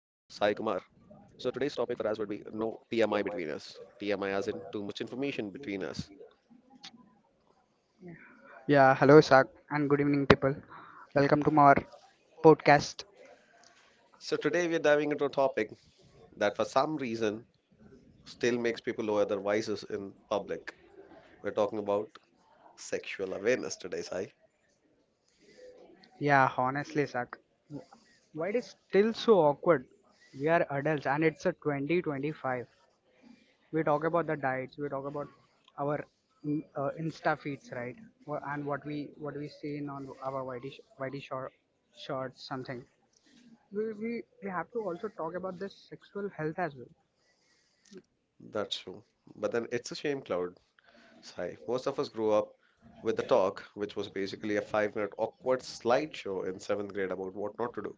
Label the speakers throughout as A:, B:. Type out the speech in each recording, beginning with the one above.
A: So today's topic for us would be no TMI between us. TMI as in too much information between us.
B: Yeah, hello Isak and good evening people. Welcome to our podcast.
A: So today we are diving into a topic that for some reason still makes people lower their voices in public. We're talking about sexual awareness today, Sai.
B: Yeah, honestly Isak, w- why it is still so awkward? We are adults and it's a 2025. We talk about the diets, we talk about our Insta feeds, right? And what we see in on our YD, YD short, shorts, something. We have to also talk about this sexual health as well,
A: That's true. But then it's a shame cloud, Sai. Most of us grew up with the talk, which was basically a five-minute awkward slideshow in seventh grade about what not to do.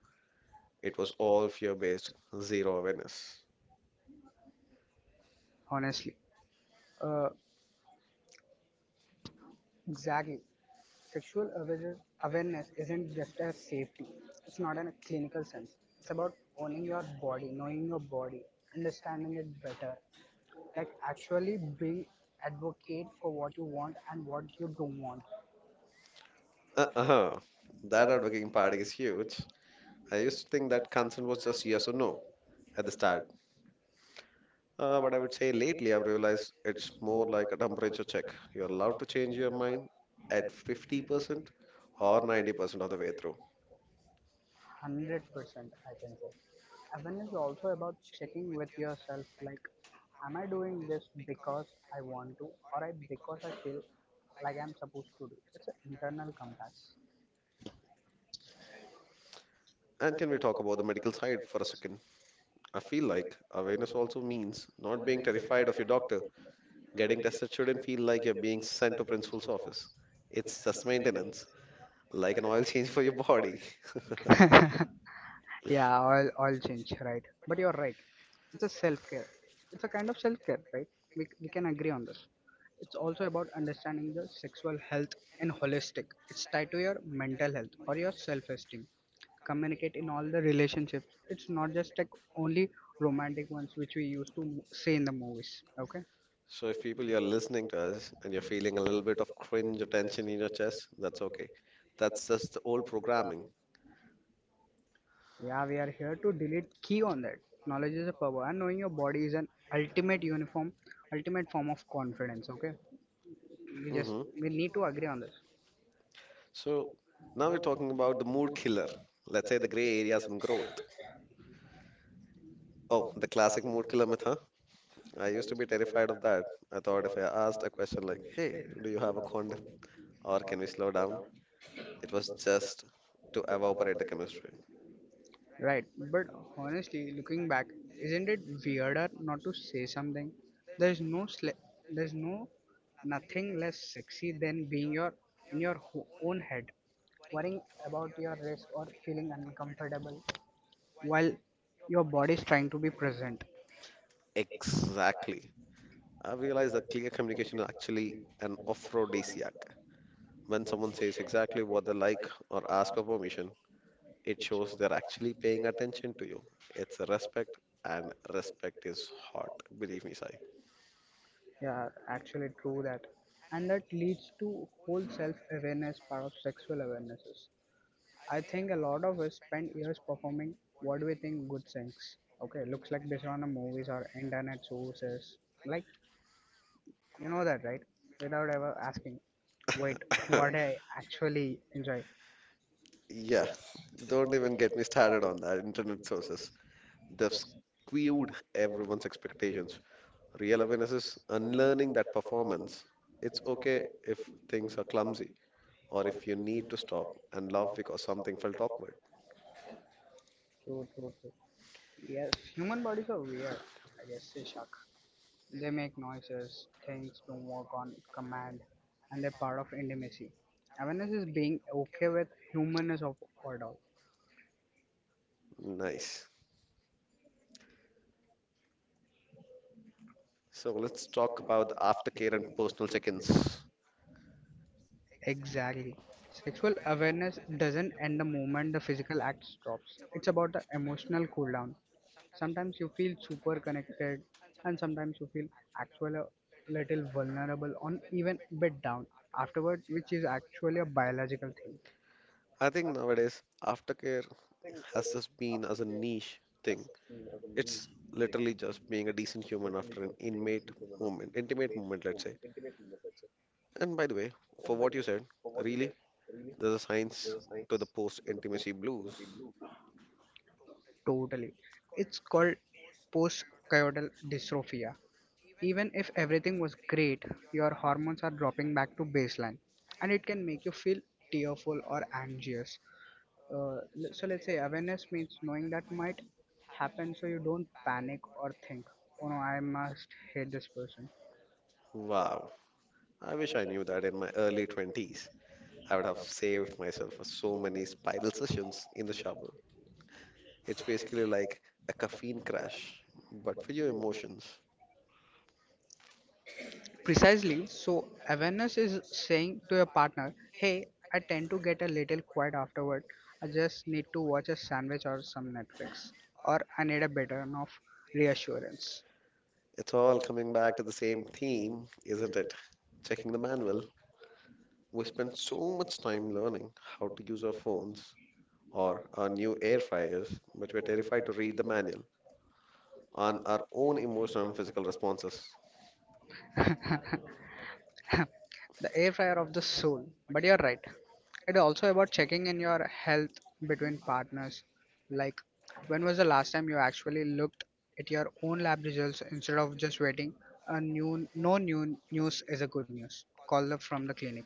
A: It was all fear-based, zero awareness.
B: honestly. Uh, Exactly. Sexual aware- awareness isn't just a safety. It's not in a clinical sense. It's about owning your body, knowing your body, understanding it better. Like actually being advocate for what you want and what you don't want.
A: Uh-huh. That outworking part is huge. I used to think that consent was just yes or no at the start. But I would say lately I've realized it's more like a temperature check. You're allowed to change your mind at 50% or 90% of the way through.
B: 100% I can say. Awareness is also about checking with yourself like am I doing this because I want to or I because I feel like I'm supposed to do. It's an internal compass.
A: And can we talk about the medical side for a second? I feel like awareness also means not being terrified of your doctor. Getting tested shouldn't feel like you're being sent to principal's office. It's just maintenance, like an oil change for your body.
B: Yeah, all change, right? But you're right. It's a self-care. It's a kind of self-care, right? We can agree on this. It's also about understanding the sexual health and holistic. It's tied to your mental health or your self-esteem. Communicate in all the relationships. It's not just like only romantic ones which we used to say in the movies. Okay?
A: So if people you're listening to us and you're feeling a little bit of cringe or tension in your chest, that's okay. That's just the old programming.
B: Yeah, we are here to delete key on that. Knowledge is a power, and knowing your body is an ultimate uniform, ultimate form of confidence. Okay? We just
A: hmm
B: we need to agree on this.
A: So now we're talking about the mood killer. Let's say the gray areas and growth. Oh, the classic mood killer myth, huh? I used to be terrified of that. I thought if I asked a question like, "Hey, do you have a condom?" or "Can we slow down?" it was just to evaporate the chemistry.
B: Right, but honestly, looking back, isn't it weirder not to say something? There's no sle- there's no nothing less sexy than being your in your own head, worrying about your risk or feeling uncomfortable while your body is trying to be present.
A: Exactly. I realized that clear communication is actually an aphrodisiac. When someone says exactly what they like or ask for permission, it shows they're actually paying attention to you. It's a respect, and respect is hot. Believe me, Sai.
B: Yeah, actually true that. And that leads to whole self-awareness part of sexual awarenesses. I think a lot of us spend years performing what we think good things. Okay, looks like based on the movies or internet sources. Like, you know that, right? Without ever asking, wait, what I actually enjoy.
A: Yeah, don't even get me started on that. Internet sources. They've skewed everyone's expectations. Real awareness is unlearning that performance. It's okay if things are clumsy or if you need to stop and laugh because something felt awkward.
B: True, true, true. Yes, human bodies are weird, I guess, Ishak. They make noises, things don't work on command, and they're part of intimacy. Awareness is being okay with humanness of order.
A: Nice. So let's talk about the aftercare and personal check-ins.
B: Exactly. Sexual awareness doesn't end the moment the physical act stops. It's about the emotional cool down. Sometimes you feel super connected, and sometimes you feel actually a little vulnerable on even bit down afterward, which is actually a biological thing.
A: I think nowadays aftercare has just been as a niche thing. It's literally just being a decent human after an inmate moment, intimate moment, let's say. And by the way, for what you said, really, there's a science to the post-intimacy blues.
B: Totally. It's called postcoital dystrophia. Even if everything was great, your hormones are dropping back to baseline, and it can make you feel tearful or anxious. So let's say awareness means knowing that might happen so you don't panic or think, oh no, I must hate this person.
A: Wow, I wish I knew that in my early 20s. I would have saved myself for so many spiral sessions in the shower. It's basically like a caffeine crash, but for your emotions.
B: Precisely, so awareness is saying to your partner, hey, I tend to get a little quiet afterward, I just need to watch a sandwich or some Netflix, or I need a better enough reassurance.
A: It's all coming back to the same theme, isn't it? Checking the manual. We spend so much time learning how to use our phones or our new air fryers, but we're terrified to read the manual on our own emotional and physical responses.
B: The air fryer of the soul. But you're right. It's also about checking in your health between partners. Like, when was the last time you actually looked at your own lab results instead of just waiting? A new, no new news is a good news. Call up from the clinic.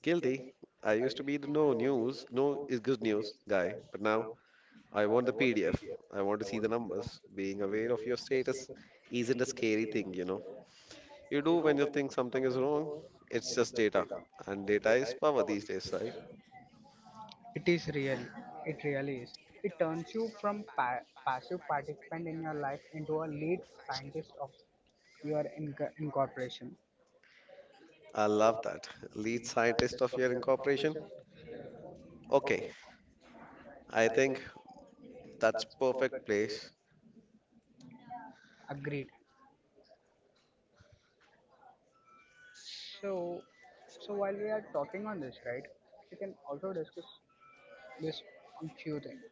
A: Guilty. I used to be the no news, no is good news guy, but now I want the PDF. I want to see the numbers. Being aware of your status isn't a scary thing, you know. You do when you think something is wrong. It's just data, and data is power these days, right?
B: It is really, it really is. It turns you from passive participant in your life into a lead scientist of your incorporation.
A: I love that. Lead scientist of your incorporation. Okay, I think that's perfect place.
B: Agreed. So, so while we are talking on this, right, we can also discuss this on few things.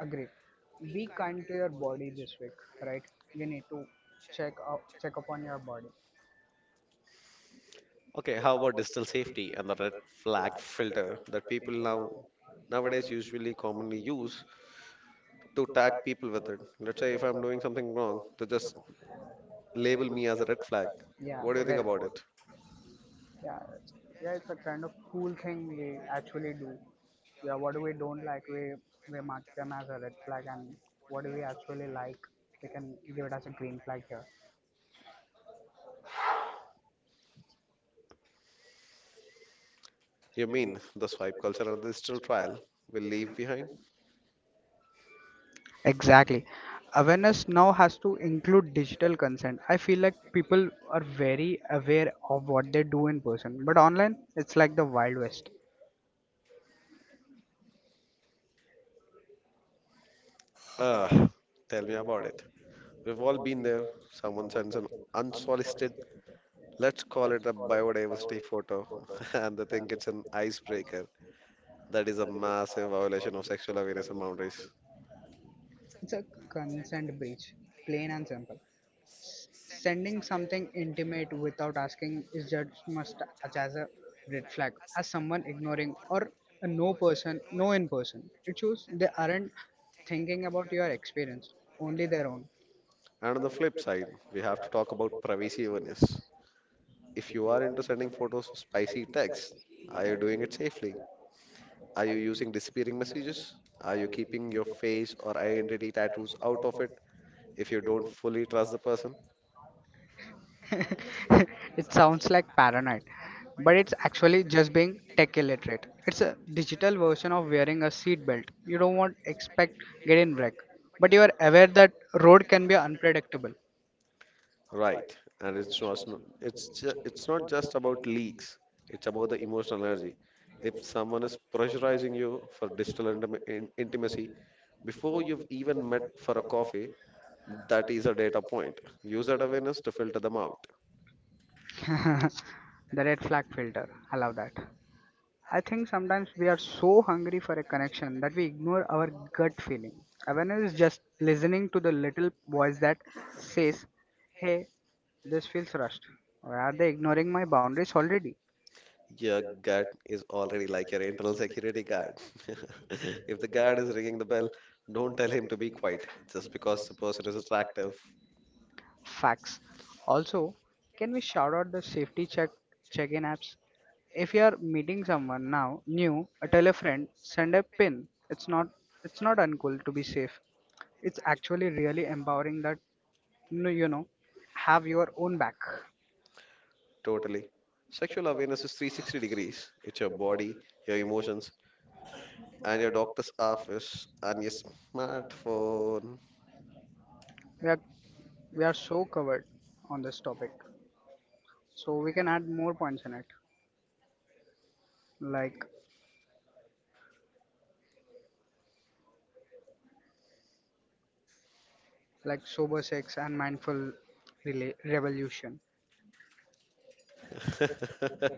B: Agree. Be kind to your body this week, right? We need to check up, check upon your body.
A: Okay, how about digital safety and the red flag filter that people nowadays usually commonly use to tag people with it. Let's say if I'm doing something wrong, they just label me as a red flag.
B: Yeah,
A: What do you think
B: very.
A: about it?
B: Yeah, it's- yeah, it's a kind of cool thing we actually do. Yeah, what we don't like, we mark them as a red flag, and what we actually like, we can give it as a green flag here.
A: You mean the swipe culture and the digital trial will leave behind?
B: Exactly. Awareness now has to include digital consent. I feel like people are very aware of what they do in person, but online it's like the Wild West.
A: Ah, tell me about it. We've all been there. Someone sends an unsolicited. Let's call it a biodiversity photo. And they think it's an icebreaker. That is a massive violation of sexual awareness and boundaries.
B: It's a consent breach, plain and simple. Sending something intimate without asking is just must as a red flag, as someone ignoring or a no person, no in person. It shows they aren't thinking about your experience, only their own.
A: And on the flip side, we have to talk about privacy awareness. If you are into sending photos of spicy texts, are you doing it safely? Are you using disappearing messages? Are you keeping your face or identity tattoos out of it if you don't fully trust the person?
B: It sounds like paranoid, but it's actually just being tech illiterate. It's a digital version of wearing a seatbelt. You don't want expect getting wreck, but you are aware that road can be unpredictable.
A: Right, and it's not just about leaks. It's about the emotional energy. If someone is pressurizing you for digital intimacy before you've even met for a coffee, that is a data point. Use that awareness to filter them out.
B: The red flag filter. I love that. I think sometimes we are so hungry for a connection that we ignore our gut feeling. Awareness is just listening to the little voice that says, "Hey, this feels rushed," or are they ignoring my boundaries already?
A: Your gut is already like your internal security guard. If the guard is ringing the bell, don't tell him to be quiet just because the person is attractive.
B: Facts. Also, can we shout out the safety check check-in apps? If you are meeting someone now new, tell a friend, send a pin. It's not uncool to be safe. It's actually really empowering that no, you know have your own back.
A: Totally. Sexual awareness is 360 degrees. It's your body, your emotions, and your doctor's office and your smartphone.
B: We are we are so covered on this topic, so we can add more points in it, like like sober sex and mindful revolution.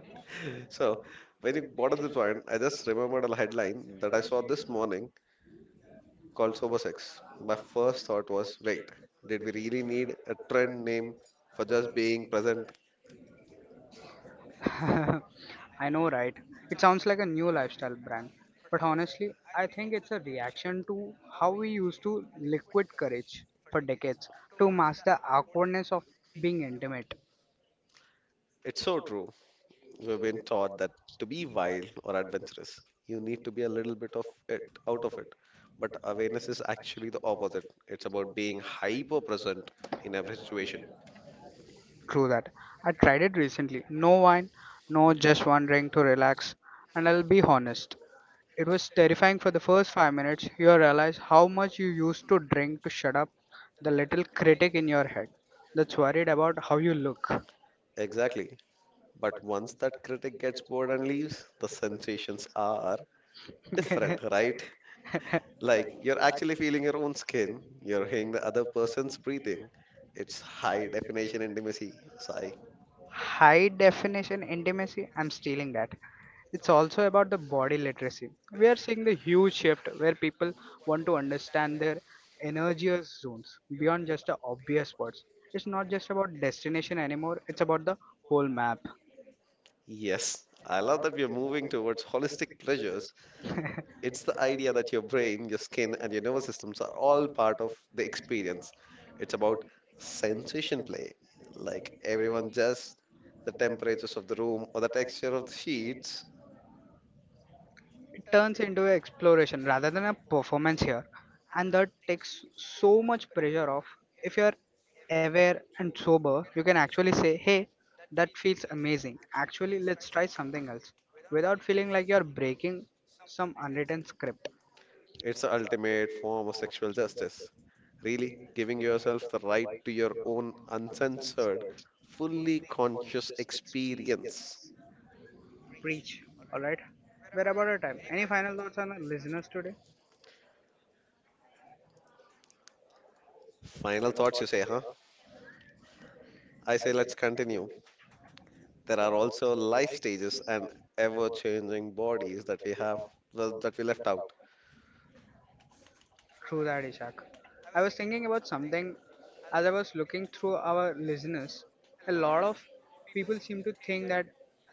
A: So, when you brought up this point, I just remembered a headline that I saw this morning called Sober Sex. My first thought was, wait, did we really need a trend name for just being present?
B: I know, right? It sounds like a new lifestyle brand. But honestly, I think it's a reaction to how we used to liquid courage for decades to mask the awkwardness of being intimate.
A: It's so true. We've been taught that to be wild or adventurous, you need to be a little bit of it out of it. But awareness is actually the opposite. It's about being hyper present in every situation.
B: True that. I tried it recently. No wine, no just one drink to relax. And I'll be honest, it was terrifying for the first 5 minutes. You realize how much you used to drink to shut up the little critic in your head that's worried about how you look.
A: Exactly. But once that critic gets bored and leaves, the sensations are different, right? Like you're actually feeling your own skin, you're hearing the other person's breathing. It's high definition intimacy, Sai.
B: High definition intimacy, I'm stealing that. It's also about the body literacy. We are seeing the huge shift where people want to understand their energy zones beyond just the obvious spots. It's not just about destination anymore, it's about the whole map.
A: Yes, I love that we're moving towards holistic pleasures. It's the idea that your brain, your skin, and your nervous systems are all part of the experience. It's about sensation play. Like everyone just the temperatures of the room or the texture of the sheets.
B: It turns into an exploration rather than a performance here, and that takes so much pressure off. If you're aware and sober, you can actually say, Hey, that feels amazing. Actually, let's try something else without feeling like you're breaking some unwritten script.
A: It's the ultimate form of sexual justice. Really, giving yourself the right to your own uncensored, fully conscious experience.
B: Preach, alright? We're about our time. Any final thoughts on our listeners today?
A: Final thoughts, you say, huh? I say, let's continue. There are also life stages and ever changing bodies that we have, well, that we left out.
B: True that, Ishak. I was thinking about something as I was looking through our listeners. A lot of people seem to think that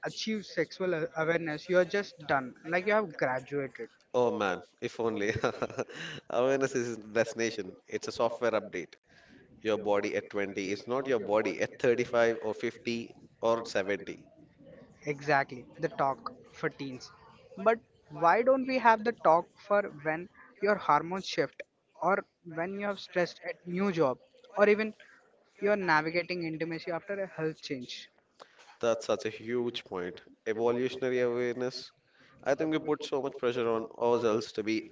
B: achieve sexual awareness, you are just done, like you have graduated.
A: Oh man, if only. Awareness is the destination, it's a software update. Your body at 20 is not your body at 35 or 50 or 70.
B: Exactly, the talk for teens. But why don't we have the talk for when your hormones shift, or when you have stressed at new job, or even you are navigating intimacy after a health change?
A: That's such a huge point. Evolutionary awareness. I think we put so much pressure on ourselves to be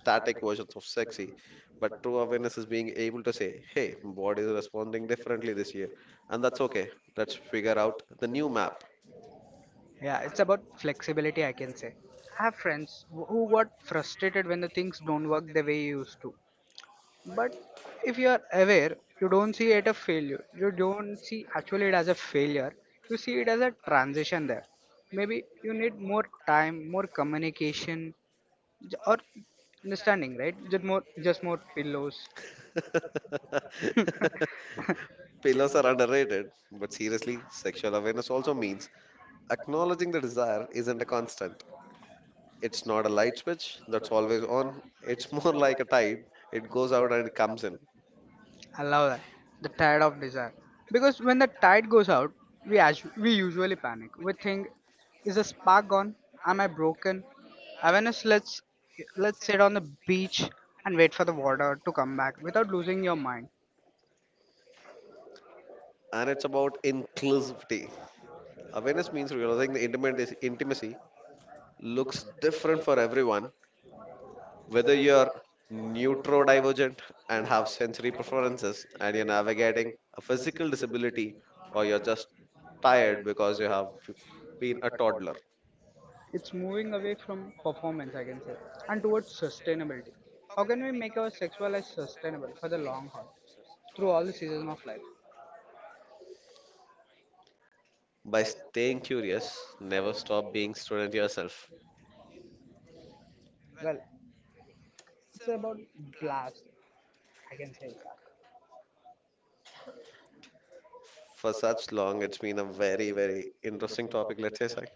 A: static versions of sexy, but true awareness is being able to say, hey, my body is responding differently this year, and that's okay. Let's figure out the new map.
B: Yeah, it's about flexibility, I can say. I have friends who got frustrated when the things don't work the way you used to. But if you are aware, you don't see it as a failure. You don't see actually it as a failure. You see it as a transition there. Maybe you need more time, more communication, or understanding, right? Just more pillows.
A: Pillows are underrated, but seriously, sexual awareness also means acknowledging the desire isn't a constant. It's not a light switch that's always on, it's more like a tide. It goes out and it comes in.
B: I love that. The tide of desire. Because when the tide goes out, we usually panic. We think, is the spark gone? Am I broken? Awareness lets let's sit on the beach and wait for the water to come back without losing your mind.
A: And it's about inclusivity. Awareness means realizing the intimacy looks different for everyone, whether you're neurodivergent and have sensory preferences, and you're navigating a physical disability, or you're just tired because you have been a toddler.
B: It's moving away from performance, I can say, and towards sustainability. How can we make our sexual life sustainable for the long haul through all the seasons of life?
A: By staying curious, never stop being student yourself.
B: Well, it's about blast, I can say, Zach.
A: For such long, it's been a very, very interesting topic. Let's say, Sai.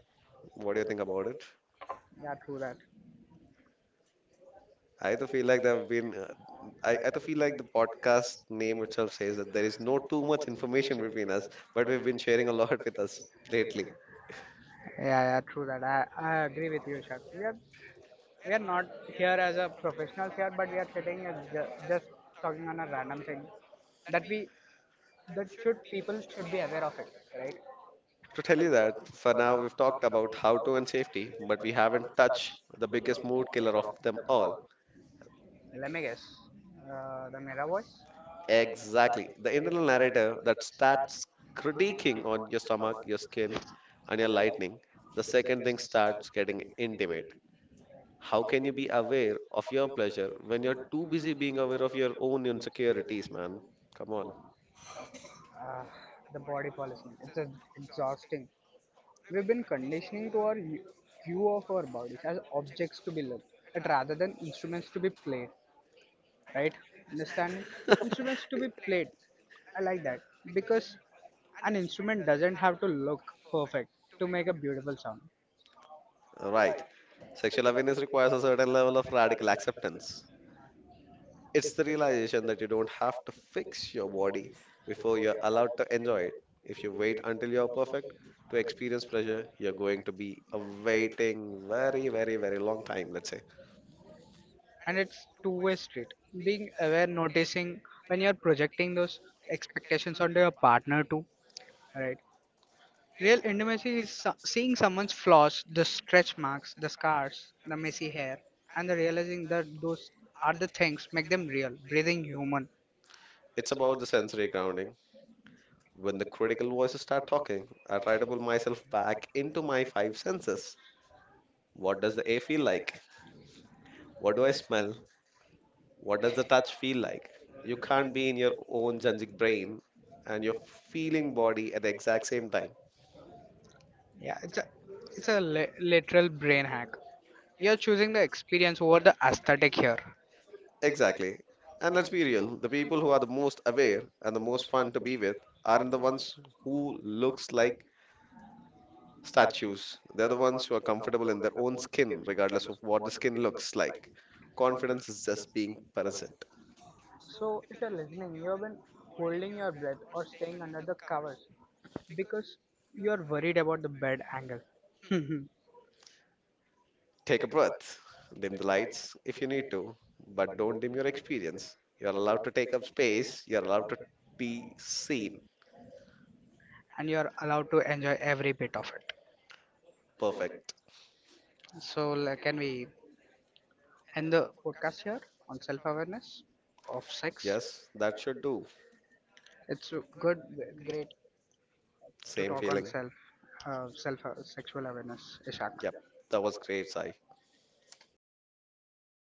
A: What do you think about it?
B: Yeah, true that.
A: I either feel like there have been, uh, I either feel like the podcast name itself says that there is no too much information between us, but we've been sharing a lot with us lately.
B: Yeah, yeah, true that. I agree with you, Shak. We are not here as a professionals here, but we are sitting as just talking on a random thing that we that should people should be aware of it, right?
A: To tell you that, for now we've talked about how to and safety, but we haven't touched the biggest mood killer of them all.
B: Let me guess. The Mera voice,
A: Exactly, the internal narrator that starts critiquing on your stomach, your skin, and your lightning the second thing starts getting intimate. How can you be aware of your pleasure when you're too busy being aware of your own insecurities, man? Come on.
B: uh, the body polishing. It's a, exhausting. We've been conditioning to our view of our bodies as objects to be looked at rather than instruments to be played, right? Understanding instruments to be played. I like that because an instrument doesn't have to look perfect to make a beautiful sound,
A: Right. Sexual awareness requires a certain level of radical acceptance. It's the realization that you don't have to fix your body before you're allowed to enjoy it. If you wait until you're perfect to experience pleasure, you're going to be awaiting very, very, very long time, let's say.
B: and it's two-way street. Being aware, noticing when you're projecting those expectations onto your partner too, right? Real intimacy is seeing someone's flaws, the stretch marks, the scars, the messy hair, and the realizing that those are the things make them real, breathing human.
A: It's about the sensory grounding. When the critical voices start talking, I try to pull myself back into my five senses. What does the air feel like? What do I smell? What does the touch feel like? You can't be in your own Janjik brain and your feeling body at the exact same time.
B: Yeah, it's a literal brain hack. You're choosing the experience over the aesthetic here.
A: Exactly. And let's be real, the people who are the most aware and the most fun to be with aren't the ones who looks like statues. They're the ones who are comfortable in their own skin, regardless of what the skin looks like. Confidence is just being present.
B: So if you're listening, you've been holding your breath or staying under the covers because you're worried about the bed angle. And
A: Take a breath, dim the lights if you need to, but don't dim your experience. You're allowed to take up space, you're allowed to be seen.
B: you're allowed to enjoy every bit of it.
A: Perfect.
B: So like, can we end the podcast here on self-awareness of sex?
A: Yes, that should do.
B: It's good, great to
A: Same
B: talk on
A: feeling.
B: self, self sexual awareness, Ishak.
A: Yep, that was great, Sai.